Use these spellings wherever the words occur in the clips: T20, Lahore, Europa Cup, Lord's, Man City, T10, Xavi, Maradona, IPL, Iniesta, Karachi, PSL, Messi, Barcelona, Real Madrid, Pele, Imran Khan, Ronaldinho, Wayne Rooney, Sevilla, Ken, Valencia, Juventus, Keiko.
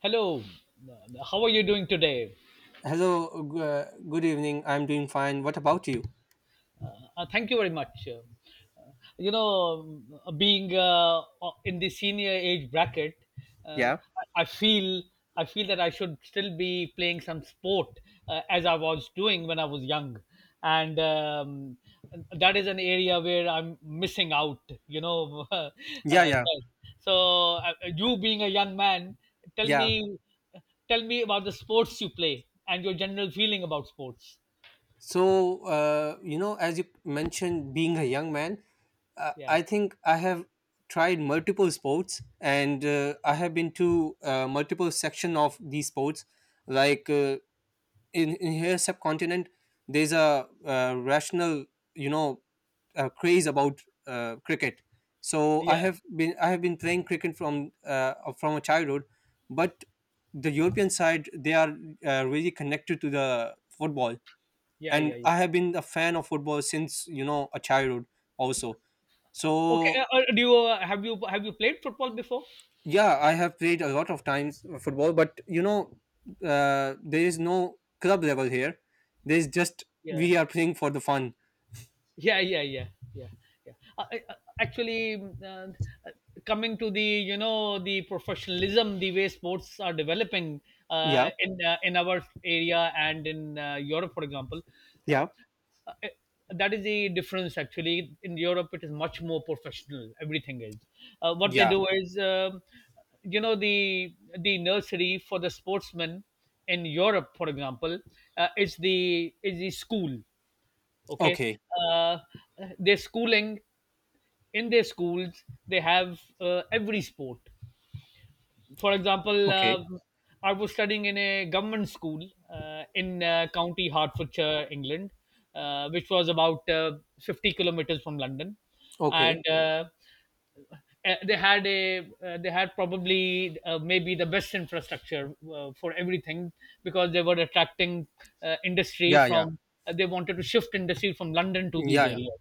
Hello, how are you doing today? Hello, good evening. I'm doing fine. What about you? Thank you very much. Uh, Being in the senior age bracket, uh, Yeah. I feel that I should still be playing some sport, as I was doing when I was young, and that is an area where I'm missing out. Yeah, yeah, that- you being a young man, tell yeah. me about the sports you play and your general feeling about sports. As you mentioned, being a young man, Yeah, I think I have tried multiple sports and I have been to multiple section of these sports. Like, uh, in here subcontinent there's a rational you know craze about cricket. So i yeah, have been i have been playing cricket from a childhood, but the european side they are really connected to the football, yeah, and yeah, yeah. I have been a fan of football since a childhood also. Okay, So do you have you played football before? yeah, I have played a lot of times football, but there is no club level here. There's just Yeah, we are playing for the fun. yeah, yeah, yeah, yeah, yeah. Actually, uh, coming to the the professionalism, the way sports are developing, Yeah, in our area and in Europe, for example. uh, yeah, uh, that is the difference. Actually, in Europe it is much more professional, everything is... What they yeah. do is, the nursery for the sportsmen in Europe, for example, is the school. Okay. Okay, uh, their schooling, in their schools they have every sport. For example, okay, I was studying in a government school in County Hertfordshire, England, which was about 50 kilometers from London. okay. And uh, uh, they had a they had probably, maybe, the best infrastructure for everything, because they were attracting industry Yeah, yeah, from... they wanted to shift industry from London to these yeah, yeah. areas.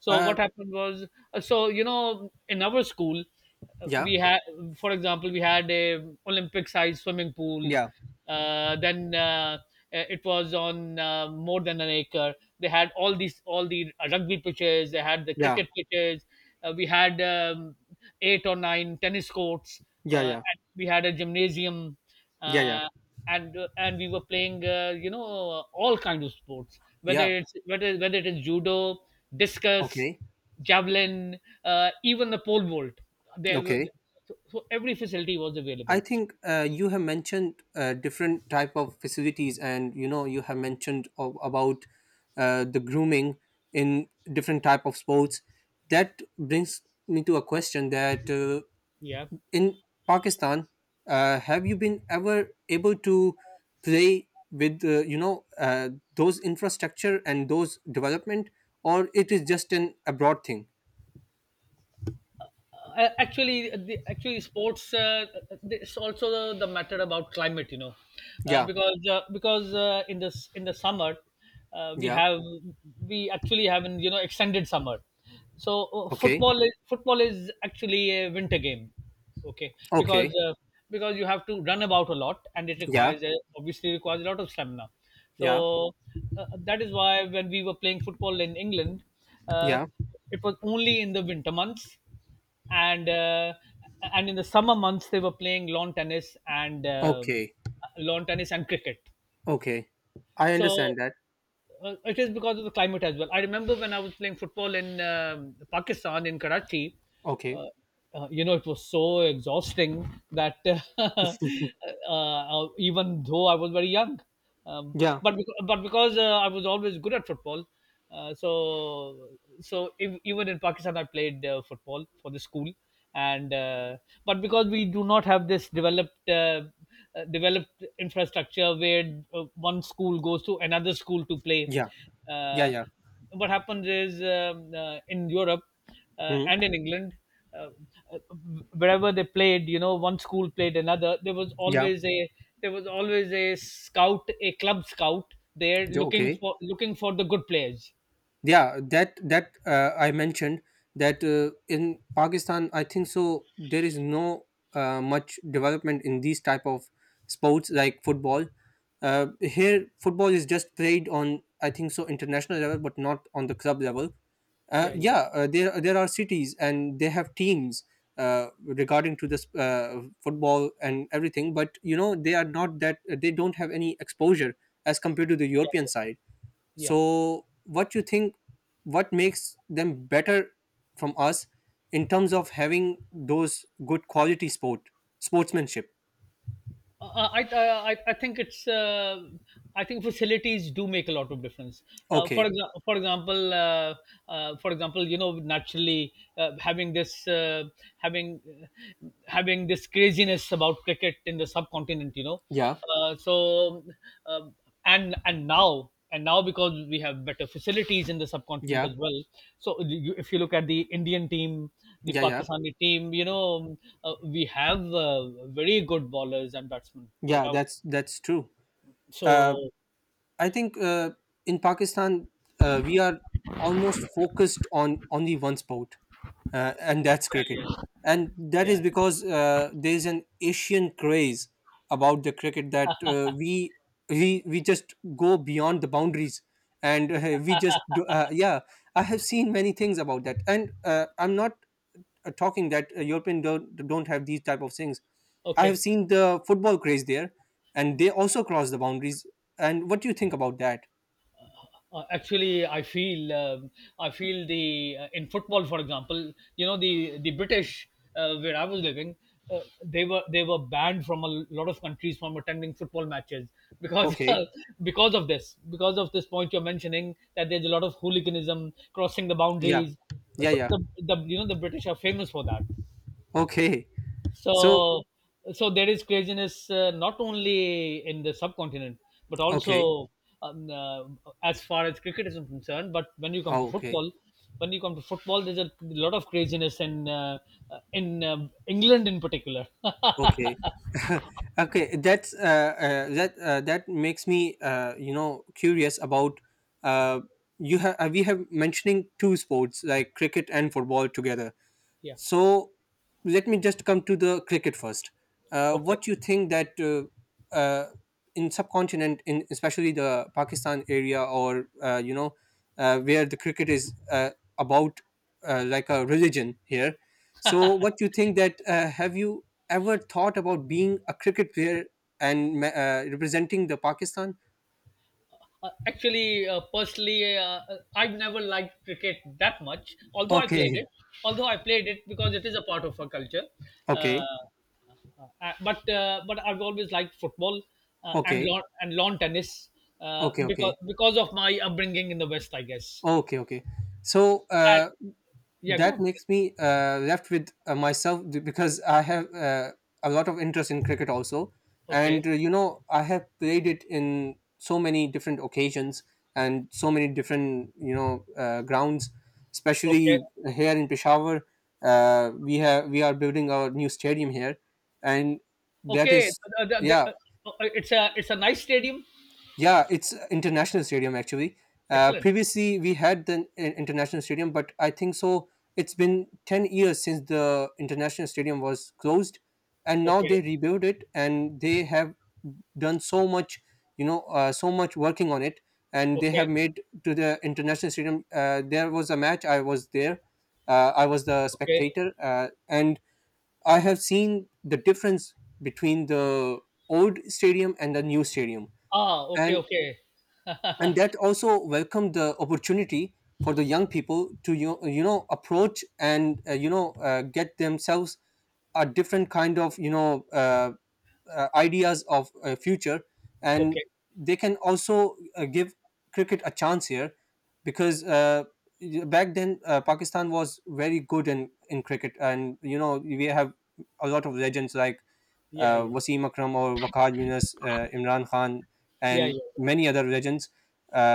So Uh, what happened was, in our school, yeah, we had, for example, we had a Olympic-sized swimming pool. yeah, Then it was on more than an acre. They had all these, all the rugby pitches. They had the yeah, cricket pitches. We had eight or nine tennis courts. yeah, yeah, And we had a gymnasium. yeah, yeah. Uh, and we were playing, all kinds of sports, Yeah. whether it's whether whether it is judo, discus, Okay, javelin, even the pole vault. There were... okay. So every facility was I available. think you have mentioned different type of facilities, and you know you have mentioned of, about the grooming in different type of sports. That brings me to a question that Yeah. in Pakistan, have you been ever able to play with those infrastructure and those development, or it is just an abroad thing? Actually, sports, it's also the matter about climate, you know. Yeah, Because In this in the summer, uh, we yeah, have we actually have an extended summer. So okay, football is actually a winter game. Okay, because okay, you have to run about a lot, and it yeah, obviously requires a lot of stamina. yeah, So that is why when we were playing football in England, uh, yeah, it was only in the winter months, and uh, and in the summer months they were playing lawn tennis and okay. Cricket. Okay, I So understand that. It is because of the climate as well. I remember when I was playing football in Pakistan, in Karachi, Okay, uh, you know, it was so exhausting that uh, even though I was very young. um, yeah, but bec- but because I was always good at football, uh, so so even in Pakistan I played football for the school. And but because we do not have this developed infrastructure where one school goes to another school to play, yeah, yeah, uh, yeah. what happens is, in Europe, Hmm. and in England, uh, uh, wherever they played, one school played another, there was Yeah, always a scout, a club scout there, yeah, okay. Looking for the good players. Yeah, that that I mentioned that in pakistan I think so there is no much development in these type of sports like football. Here football is just played on I think so international level but not on the club level. uh, Yeah, yeah, yeah uh, there there are cities and they have teams regarding to this football and everything, but you know they are not that, they don't have any exposure as compared to the yeah, european side. yeah, yeah. So what you think, what makes them better from us in terms of having those good quality sport, sportsmanship? I think it's I think facilities do make a lot of difference. Okay, For example, you know, naturally, having having this craziness about cricket in the subcontinent. You know, yeah, uh, so. um and now because we have better facilities in the subcontinent yeah, as well. So, if you look at the Indian team, the yeah, yeah, Pakistani team, we have very good bowlers and batsmen, no yeah. doubt. That's true. uh So... I think in Pakistan, we are almost focused on only one sport, and that's Yeah, cricket. yeah, And that is yeah. because there's an Asian craze about the cricket that we just go beyond the boundaries, and we just do, yeah. I have seen many things about that, and I'm not talking that European don't have these type of things. I have Okay. seen the football craze there, and they also cross the boundaries. And what do you think about that? Actually, I feel, I feel the in football, for example, the British, where I was living, they were banned from a lot of countries from attending football matches, because Okay, because of this point you're mentioning, that there's a lot of hooliganism crossing the yeah, boundaries. yeah, So yeah. The you know the British are famous for that. Okay, so So so there is craziness, not only in the subcontinent but also, okay, um, uh, as far as cricket is concerned. But when you come to oh, okay, football, there's a lot of craziness in England in particular. okay, okay. That's that that makes me you know curious about uh, you have we have mentioning two sports like cricket and football together. Yeah. So let me just come to the cricket first. Okay. What you think that uh, in subcontinent, in especially the Pakistan area, or where the cricket is about like a religion here. So what you think that have you ever thought about being a cricket player and representing the Pakistan? Actually, personally, I've never liked cricket that much. Okay, Although I played it, because it is a part of our culture. Uh, okay, but I've always liked football, and okay, lawn tennis, okay, okay, because of my upbringing in the West, I guess. okay, okay. So. And, yeah, go That on. makes me left with myself because I have a lot of interest in cricket also, and Okay, you know I have played it in so many different occasions and so many different you know grounds, okay, especially here in Peshawar. We are building our new stadium here, and that okay. is. Uh, the- the- Yeah uh, it's a nice stadium. yeah, it's international stadium actually. Excellent. Previously, we had the international stadium, but I think so. It's been 10 years since the international stadium was closed, and now Okay, they rebuilt it, and they have done so much, you know, so much working on it, and they okay, have made to the international stadium. There was a match. I was there. I was the okay. spectator, and I have seen the difference between the old stadium and the new stadium, Ah, okay, and okay, and that also welcomed the opportunity for the young people to you know approach and get themselves a different kind of ideas of future, and okay. they can also give cricket a chance here because back then pakistan was very good in cricket, and you know we have a lot of legends like Yeah, yeah, Wasim Akram or Waqar Yunus, Imran Khan, yeah, and yeah, many other legends.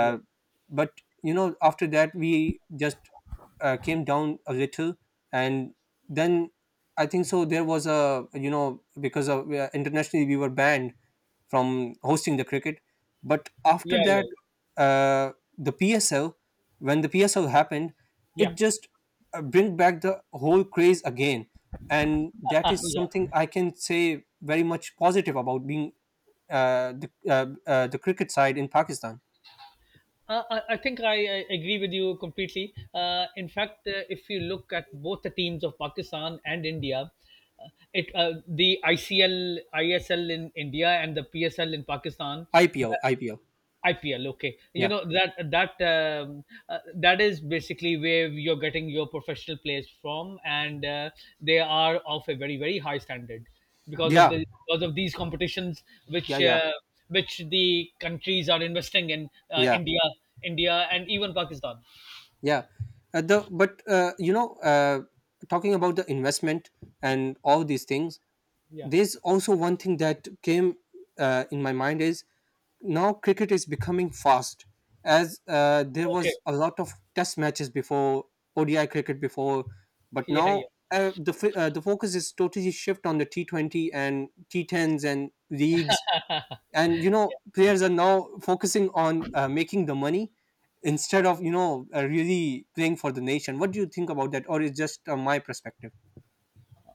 yeah, but you know, after that, we just came down a little, and then I think so. There was a you know because of internationally we were banned from hosting the cricket, but after yeah, yeah, that, uh, the PSL when the PSL happened, yeah, it yeah. just bring back the whole craze again, and that is Yeah. something I can say very much positive about being the cricket side in Pakistan. I agree with you completely. In fact, if you look at both the teams of Pakistan and India, it the ICL, ISL in India and the PSL in Pakistan. IPL, IPL. IPL, okay. You Yeah, know that is basically where you're getting your professional players from, and they are of a very, very high standard because of yeah, the because of these competitions yeah, which yeah, the countries are investing in: yeah, India, and even Pakistan. yeah. The but you know, talking about the investment and all these things, Yeah. there's also one thing that came in my mind is now cricket is becoming fast, as there Okay. was a lot of test matches before, ODI cricket before, but Yeah. Yeah. now the focus is totally shift on the T20 and T10s and leagues, and you know players are now focusing on making the money instead of really playing for the nation. What do you think about that, or is just my perspective?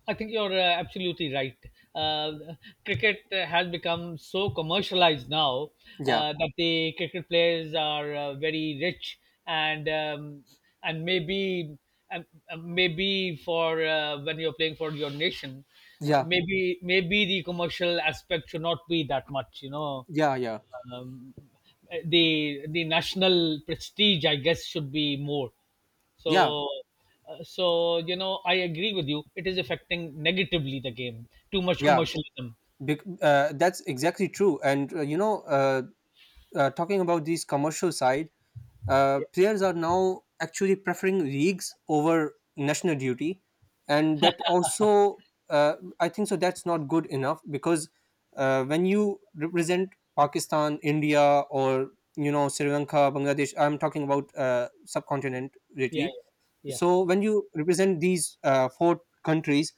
I think you're absolutely right. Uh, Cricket has become so commercialized now, Yeah, that the cricket players are very rich. And um, and maybe and, maybe for when you're playing for your nation, yeah, maybe the commercial aspect should not be that much. You know, yeah, yeah, um, the the national prestige, I guess, should be more. yeah, So I agree with you, it is affecting negatively the game, too much yeah. commercialism. That's exactly true. And talking about this commercial side, Yeah, players are now actually preferring leagues over national duty, and that also uh, I think so. That's not good enough because when you represent Pakistan, India, or you know Sri Lanka, Bangladesh, I'm talking about subcontinent yeah, lately. yeah, So when you represent these four countries,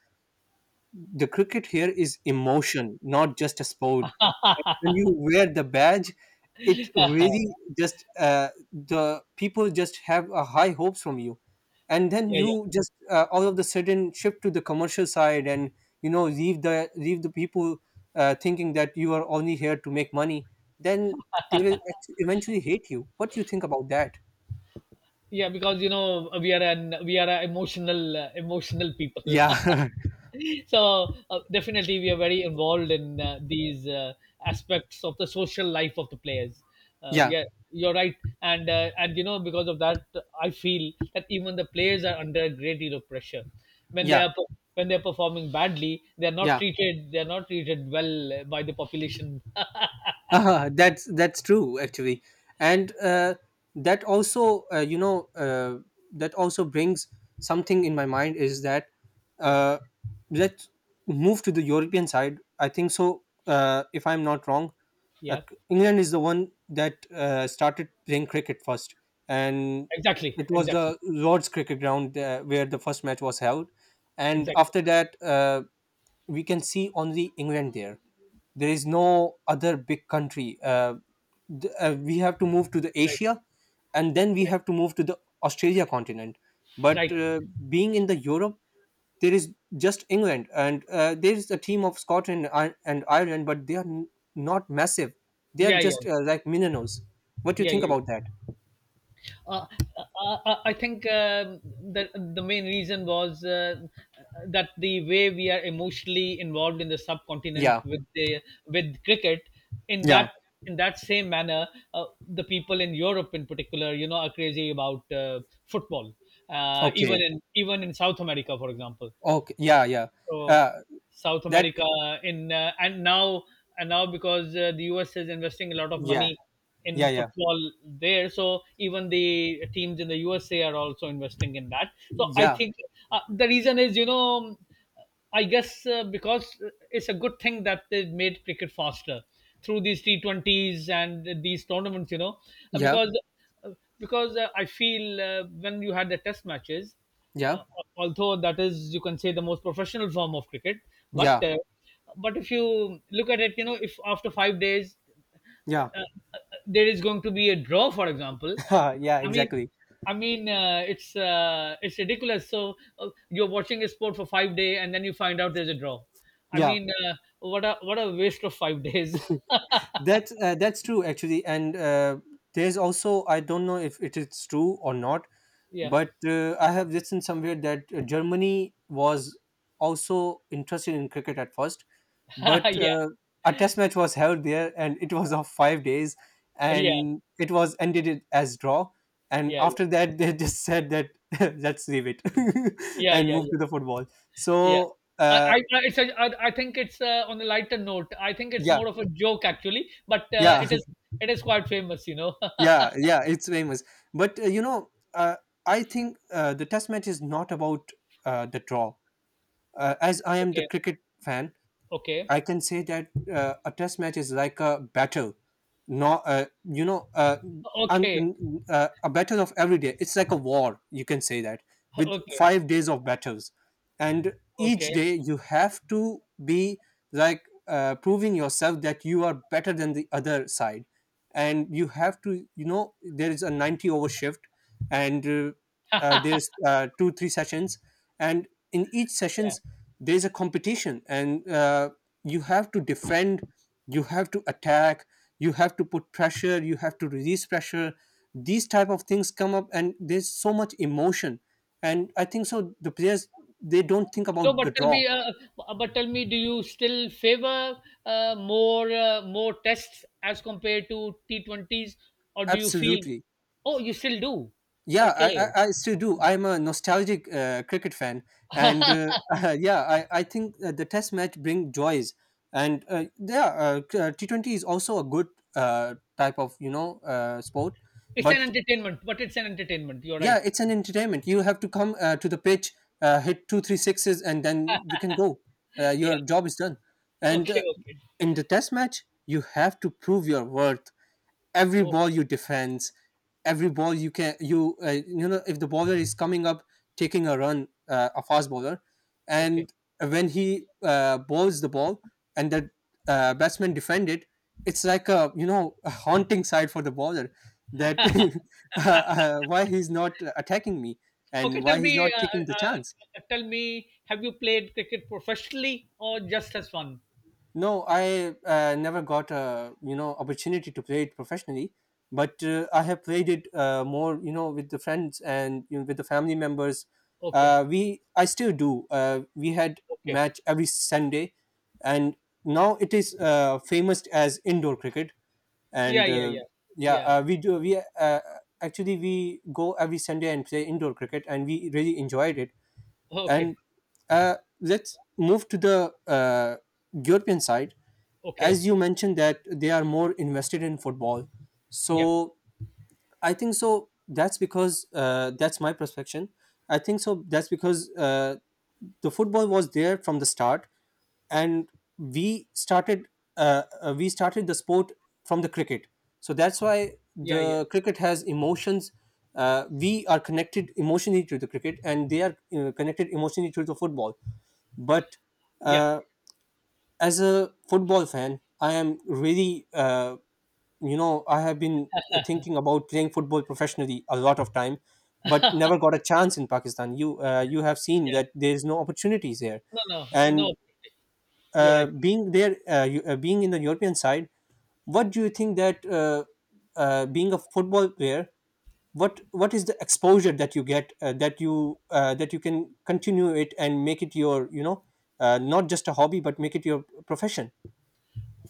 the cricket here is emotion, not just a sport. When you wear the badge, it really just the people just have a high hopes from you, and then yeah, yeah, yeah, you just all of the sudden shift to the commercial side, and you know leave the people thinking that you are only here to make money. Then they will eventually hate you. What do you think about that? yeah, because you know, we are a emotional, people. Yeah, So definitely we are very involved in these aspects of the social life of the players. Yeah, Yeah. You're right. And you know, because of that, I feel that even the players are under a great deal of pressure. When yeah, when they're performing badly, yeah. They're not treated well by the population. That's true actually, and that also uh, you know uh, that also brings something in my mind is that Yeah, uh, let's move to the European side. I think so. If I'm not wrong, uh, yeah, England is the one that started playing cricket first, and exactly, it was exactly, the Lord's cricket ground where the first match was held, and exactly, after that. We can see only England there. There is no other big country. We have to move to the right, Asia, and then we right, have to move to the Australia continent. But right, being in the Europe, there is just England, and there is a team of Scotland and Ireland, but not massive. They are yeah, yeah, just like minnows. What do you yeah, yeah, think yeah. about that? Uh, I think, the the main reason was, that the way we are emotionally involved in the subcontinent Yeah. With cricket, in Yeah. that in that same manner, the people in Europe in particular, you know, are crazy about football. Okay. Even in South America, for example. Okay. Yeah. Yeah. So Uh, South that. America, in and now because the US is investing a lot of Yeah. money Yeah. in Yeah. football there, so even the teams in the USA are also investing in that. So I Yeah. think, the reason is, you know, I guess, because it's a good thing that they made cricket faster through these T20s and these tournaments, you know. uh, Yeah. because because I feel, when you had the test matches, uh, Yeah. although that is, you can say, the most professional form of cricket, but Yeah, uh, but if you look at it, you know, if after 5 days, yeah, uh, uh, there is going to be a draw, for example. yeah, I mean. exactly. I mean, it's ridiculous. So you're watching a sport for 5 days, and then you find out there's a draw. I Yeah, mean, what a waste of 5 days. That's true actually, and there's also I don't know if it is true or not, Yeah. but I have listened somewhere that Germany was also interested in cricket at first, Yeah, but yeah, a test match was held there, and it was of 5 days, yeah, and it was ended it as draw, and yeah, after that they just said that let's leave it yeah, and yeah, move yeah. to the football. Yeah. So I, I, I- I think it's on a lighter note, I think it's yeah more of a joke actually, but yeah it is quite famous, you know. yeah yeah, it's famous, but I think the test match is not about the draw. As I am the Okay, cricket fan, okay, I can say that a test match is like a battle, no, okay, a battle of every day. It's like a war. You can say that with okay, 5 days of battles, and each okay. day you have to be like proving yourself that you are better than the other side, and you have to, you know, there is a 90 over shift, and there's 2 3 sessions, and in each Yeah. sessions there's a competition and. You have to defend, you have to attack, you have to put pressure, you have to release pressure. These type of things come up, and there's so much emotion. And I think so the players, they don't think No, about the but tell draw. me, do you still favor, more tests as compared to T20s, or do you feel? Absolutely. Oh, you still do. yeah i, Okay, I, I still do. I'm a nostalgic cricket fan. And yeah, I think the test match bring joys. And T20 is also a good type of sport. it's an But entertainment, but it's an entertainment. You're yeah, right. it's an entertainment. You have to come to the pitch, hit two, three sixes, and then you can go. Yeah, Your job is done. yeah. And Okay, okay, In the test match, you have to prove your worth. Every ball okay, you defend, every ball you can you you know, if the bowler is coming up taking a run, a fast bowler, okay. and when he bowls the ball, and the batsman defend it, it's like a you know a haunting sight for the bowler that why he's not attacking me Okay, and tell why he's me, not taking the chance. Have you played cricket professionally or just as fun? No, I never got a you know opportunity to play it professionally, but I have played it more you know with the friends and you know, with the family members. Okay, We I still do. We had okay, match every Sunday, and now it is famous as indoor cricket. yeah, And yeah, yeah, yeah, yeah. We do. We Actually, we go every Sunday and play indoor cricket, and we really enjoyed it. Okay, And let's move to the European side. okay, As you mentioned, that they are more invested in football. yeah, So I think so. That's because that's my perception. I think so. That's because the football was there from the start, and we started we started the sport from the cricket. So that's why yeah, yeah, the cricket has emotions. We are connected emotionally to the cricket, and they are connected emotionally to the football. But yeah, uh, as a football fan, I am really, I have been thinking about playing football professionally a lot of time, but never got a chance in Pakistan. You you have seen yeah. that there is no opportunities here, No, no, and no. You're right. being there, being in the European side, what do you think that being a football player, what is the exposure that you get that you can continue it and make it your you know not just a hobby but make it your profession?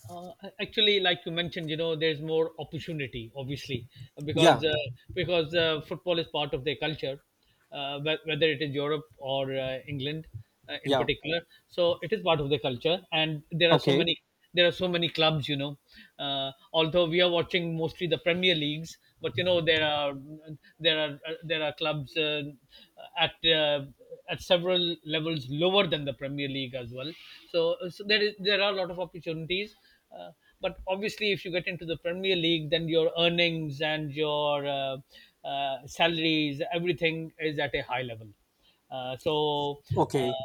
Uh, Actually, like you mentioned, you know, there's more opportunity, obviously, Yeah, because uh, because football is part of their culture, whether it is Europe or England, in yeah. particular. So it is part of their culture, and there are so Okay, many there are so many clubs, you know. Although we are watching mostly the Premier Leagues, but you know there are clubs at uh, at several levels lower than the Premier League as well. So there are a lot of opportunities uh, but obviously, if you get into the Premier League, then your earnings and your salaries, everything is at a high level. Uh, so, okay,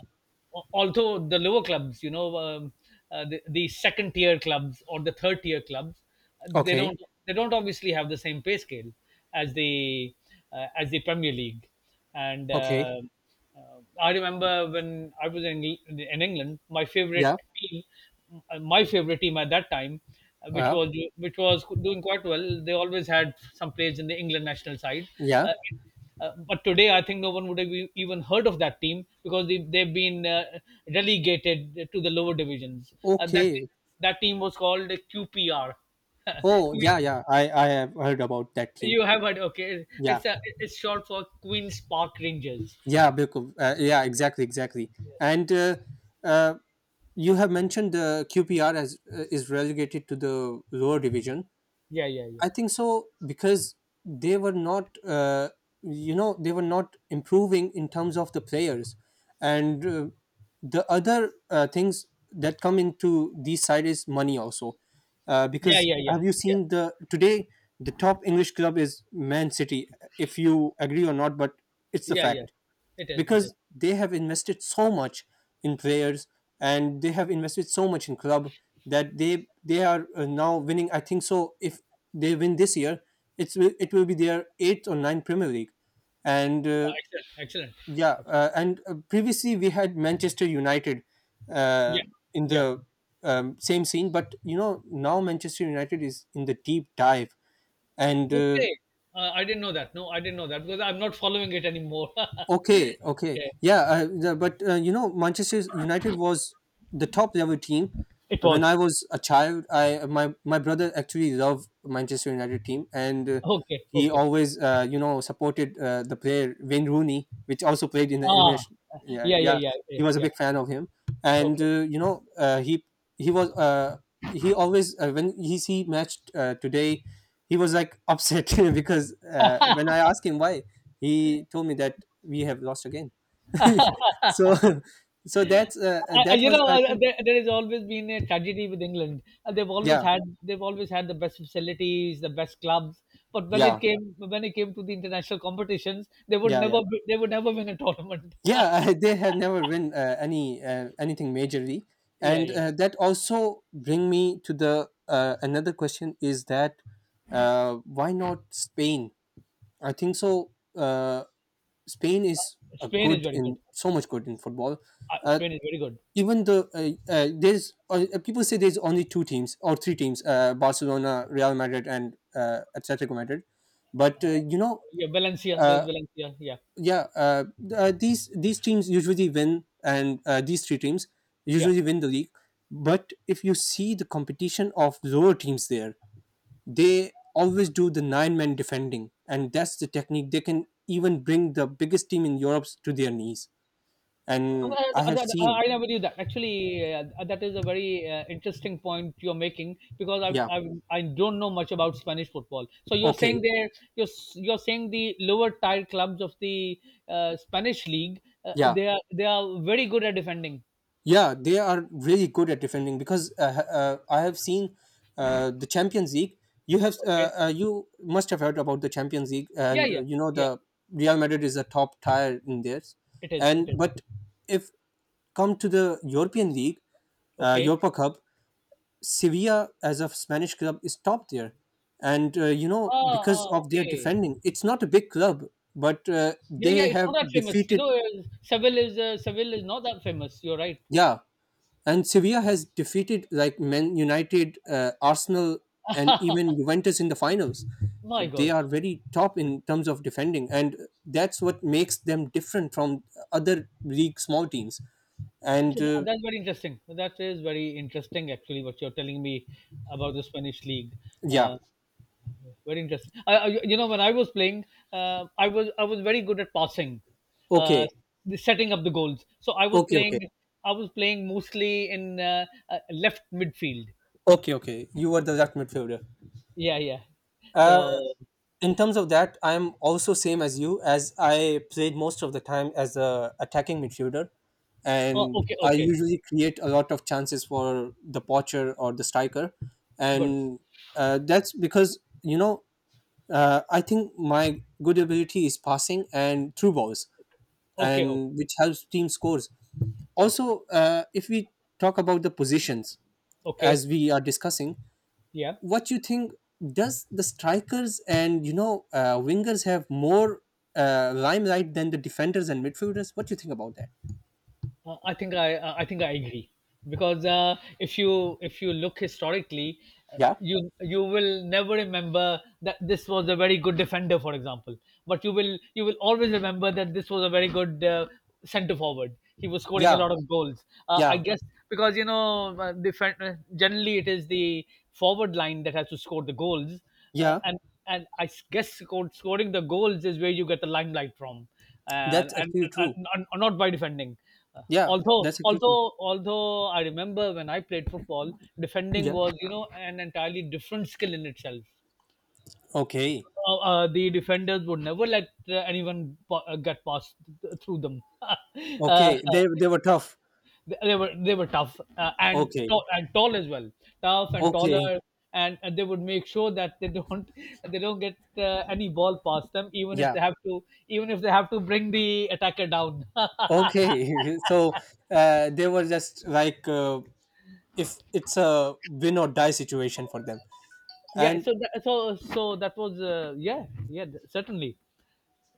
Although the lower clubs, you know, the second tier clubs or the third tier clubs, they okay, don't they don't obviously have the same pay scale as the as the Premier League, and okay. uh, uh, I remember when I was in England, Yeah, team, my favorite team at that time, uh, which yeah, was which was doing quite well. They always had some players in the England national side, yeah. uh, but today I think no one would have even heard of that team because they've been relegated to the lower divisions. Okay. That team was called QPR. Oh, Que- yeah, yeah. I have heard about that team. you have heard? Okay, Yeah, it's a, it's short for Queens Park Rangers. yeah, because yeah, exactly, exactly. And uh, you have mentioned the QPR as is relegated to the lower division. Yeah, yeah, yeah. I think so because they were not, they were not improving in terms of the players, and the other things that come into these side is money also, Yeah, because yeah, yeah, have you yeah, seen the today the top English club is Man City? If you agree or not, but it's the yeah, yeah. fact It is, it is. because they have invested so much in players, and they have invested so much in club, that they are now winning. I think so. If they win this year, it's will- it will be their eighth or ninth Premier League. And Wow, excellent, excellent, yeah, excellent. And Previously we had Manchester United uh, Yeah, in yeah. the same scene, but you know now Manchester United is in the deep dive. And Okay, I didn't know that. No, I didn't know that because I'm not following it anymore. Okay, okay, Okay, yeah, the, but you know, Manchester United was the top level team. it When was. I was a child, I my brother actually loved Manchester United team, and Okay, he okay. always you know supported the player Wayne Rooney, which also played in the Ah, English. Yeah, yeah, yeah, yeah, yeah, he yeah, was a yeah. big fan of him, and Okay. He was he always when he see matched today, he was like upset because when I asked him why, he told me that we have lost again. So, so that's that You was know, I think. There has always been a tragedy with England. They've always Yeah, had they've always had the best facilities, the best clubs, but yeah, when it came to the international competitions, they would yeah, yeah, never be- they would never win a tournament. yeah. They have never win anything majorly, Yeah, and yeah. That also bring me to the another question is that, why not Spain? I think so. Spain is a Spain is good very good. in so much good in football. Uh, Spain is very good. even though There's people say there's only two teams or three teams, Barcelona, Real Madrid, and Atletico Madrid. But you know Yeah, Valencia. uh, There's Valencia. Yeah, yeah th- these teams usually win, and these three teams yeah. usually win the league. But if you see the competition of lower teams there, they always do the nine-man defending, and that's the technique. They can even bring the biggest team in Europe to their knees. Uh, And I have seen, I never knew that. Actually, that is a very interesting point you're making because yeah, I I don't know much about Spanish football. So you're okay, saying you're saying the lower tier clubs of the Spanish league yeah. They are very good at defending. Yeah, they are really good at defending because I have seen the Champions League. You have Okay. You must have heard about the Champions League, Yeah, and yeah, you know, yeah. the Real Madrid is a top tier in theirs. It is. And It is. but if come to the European League, Okay. Europa Cup, Sevilla as a Spanish club is top there, and you know Ah, because ah, of their okay. defending, it's not a big club, but Yeah, they yeah. It's not have that famous. You defeated. know, Seville is not that famous. You're right. Yeah, and Sevilla has defeated like Man United, Arsenal, and even Juventus in the finals. My They God. are very top in terms of defending, and that's what makes them different from other league small teams. And So that's very interesting. That is very interesting, actually, what you're telling me about the Spanish league. Yeah, Uh, very interesting. You know, when I was playing, I was very good at passing, uh, okay, the setting up the goals. Okay, okay, I was playing mostly in left midfield. okay, okay. You were the left midfielder. Yeah, yeah. Uh, So, in terms of that, I am also same as you, as I played most of the time as a attacking midfielder, oh, and okay, I okay, usually create a lot of chances for the poacher or the striker. good. And that's because you know, I think my good ability is passing and through balls, Okay, okay, and which helps team scores. yeah, Also, if we talk about the positions, okay, as we are discussing, yeah. what you think, does the strikers and you know wingers have more limelight than the defenders and midfielders? What do you think about that? I think I agree because if you if you look historically, Yeah, you will never remember that this was a very good defender, for example. But you will always remember that this was a very good centre forward. He was scoring a yeah, lot of goals. I yeah, guess because you know generally it is the forward line that has to score the goals, uh, yeah, and and I s- guess sco- scoring the goals is where you get the limelight from, uh, that's actually true. And not by defending. Uh, Yeah, although that's actually true. although although I remember when I played football, defending Yeah, was, you know, an entirely different skill in itself. okay, The defenders would never let anyone get past through them. uh, okay. They were tough. They were tough and Okay, tall as well, tough and taller. okay, And, they would make sure that they don't they don't get any ball past them, even if yeah, they have to bring the attacker down. okay. So they were just like if it's a win or die situation for them. Yeah, And so so that was, certainly.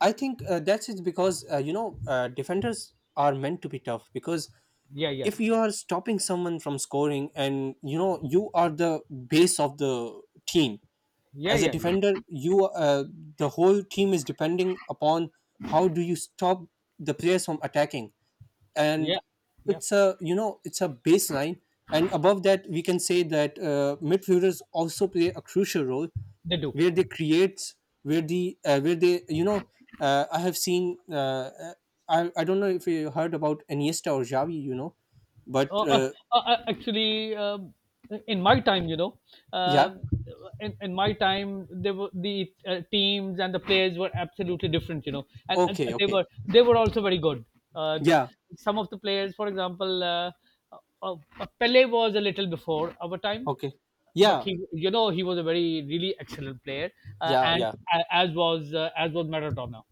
I think that's it because defenders are meant to be tough, because Yeah, yeah, if you are stopping someone from scoring, and you know you are the base of the team, yeah, as a yeah, yeah, defender you the whole team is depending upon how do you stop the players from attacking. And yeah, yeah. it's a you know it's a baseline, and above that we can say that midfielders also play a crucial role, They do. where they create, where the where they you know, I have seen I don't know if you heard about Iniesta or Xavi, you know, but Uh, uh, Actually, in my time, you know, yeah, uh, in my time, there were the teams and the players were absolutely different, you know, and, okay, okay, they were also very good. Uh, th- yeah, some of the players, for example, uh, Pele was a little before our time, okay, but yeah, he, you know, he was a very really excellent player, uh, yeah, and yeah. a as was Maradona.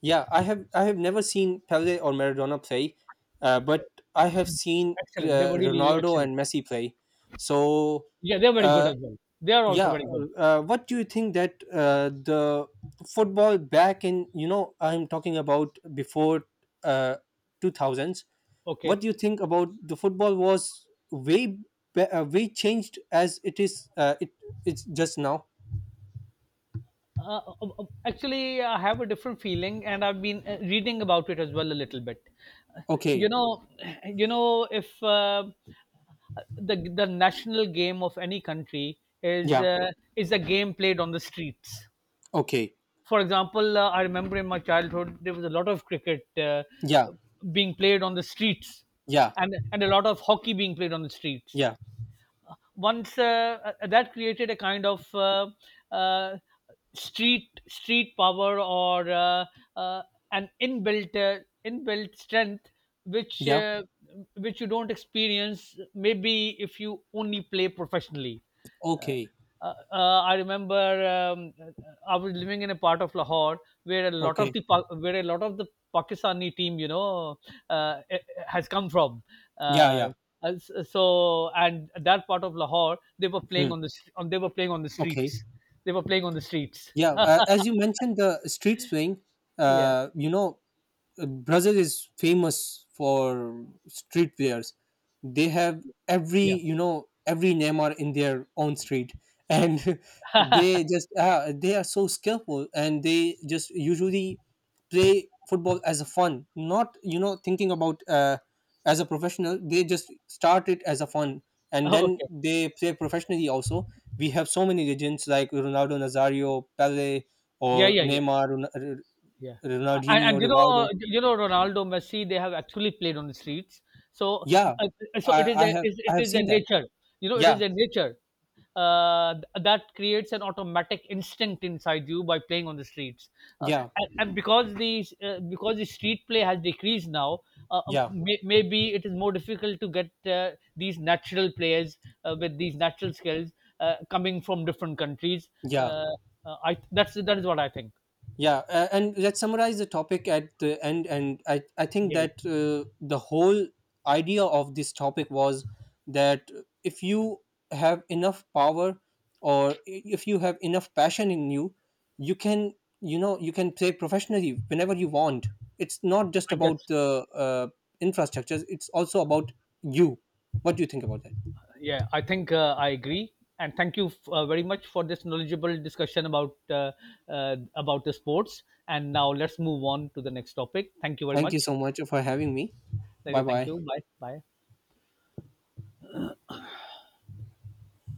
Yeah, I have never seen Pele or Maradona play, but I have seen Excellent. They were really Ronaldo excellent. and Messi play. So Yeah, they're very good uh, as well. They are also yeah, very good. What do you think that the football back in you know, I'm talking about before, uh, 2000s? Okay. What do you think about the football was way way changed as it is it's just now? Actually, I have a different feeling, and I've been reading about it as well a little bit. Uh, you Okay, know, you know, if the national game of any country yeah, is a game played on the streets. okay, For example, I remember in my childhood there was a lot of cricket yeah, being played on the streets, yeah, and a lot of hockey being played on the streets. yeah, Once that created a kind of uh, street power, or uh, an inbuilt strength which yeah, uh, which you don't experience maybe if you only play professionally. uh, okay. I remember, I was living in a part of Lahore where a lot of Okay. the where a lot of the Pakistani team, you know, has come from. Yeah, Uh, yeah. So and that part of Lahore, they were Hmm. playing on — they were playing on the Okay. streets. They were playing on the streets. Yeah. As you mentioned, the street swing, Yeah, uh, you know, Brazil is famous for streetwears. They have every yeah. you know every Neymar in their own street, and they just they are so skillful, and they just usually play football as a fun, not you know thinking about as a professional. They just start it as a fun, and then Okay. they play professionally. Also, we have so many legends like Ronaldo Nazario, Pele, Yeah, or yeah, yeah. Neymar, Ron- R- Yeah, Ronaldinho, and you Rivaldo. know Ronaldo, Messi, they have actually played on the streets. So Yeah, uh, so I, it is I a have is I it have is a seen that. nature. You know, it is Yeah, a nature that creates an automatic instinct inside you by playing on the streets. Uh, yeah, and because the street play has decreased now. Yeah, Maybe it is more difficult to get these natural players with these natural skills coming from different countries. yeah, Uh, I That's that is what I think. yeah. And let's summarize the topic at the end. And I think Yeah, that the whole idea of this topic was that, if you have enough power, or if you have enough passion in you, you can you know you can play professionally whenever you want. It's not just I guess. about the infrastructures. It's also about you. What do you think about that? Yeah, I think I agree, and thank you very much for this knowledgeable discussion about the sports. And now let's move on to the next topic. Thank you very Thank you much. so much for having me. Thank Bye you. Thank bye. you. Bye. Bye.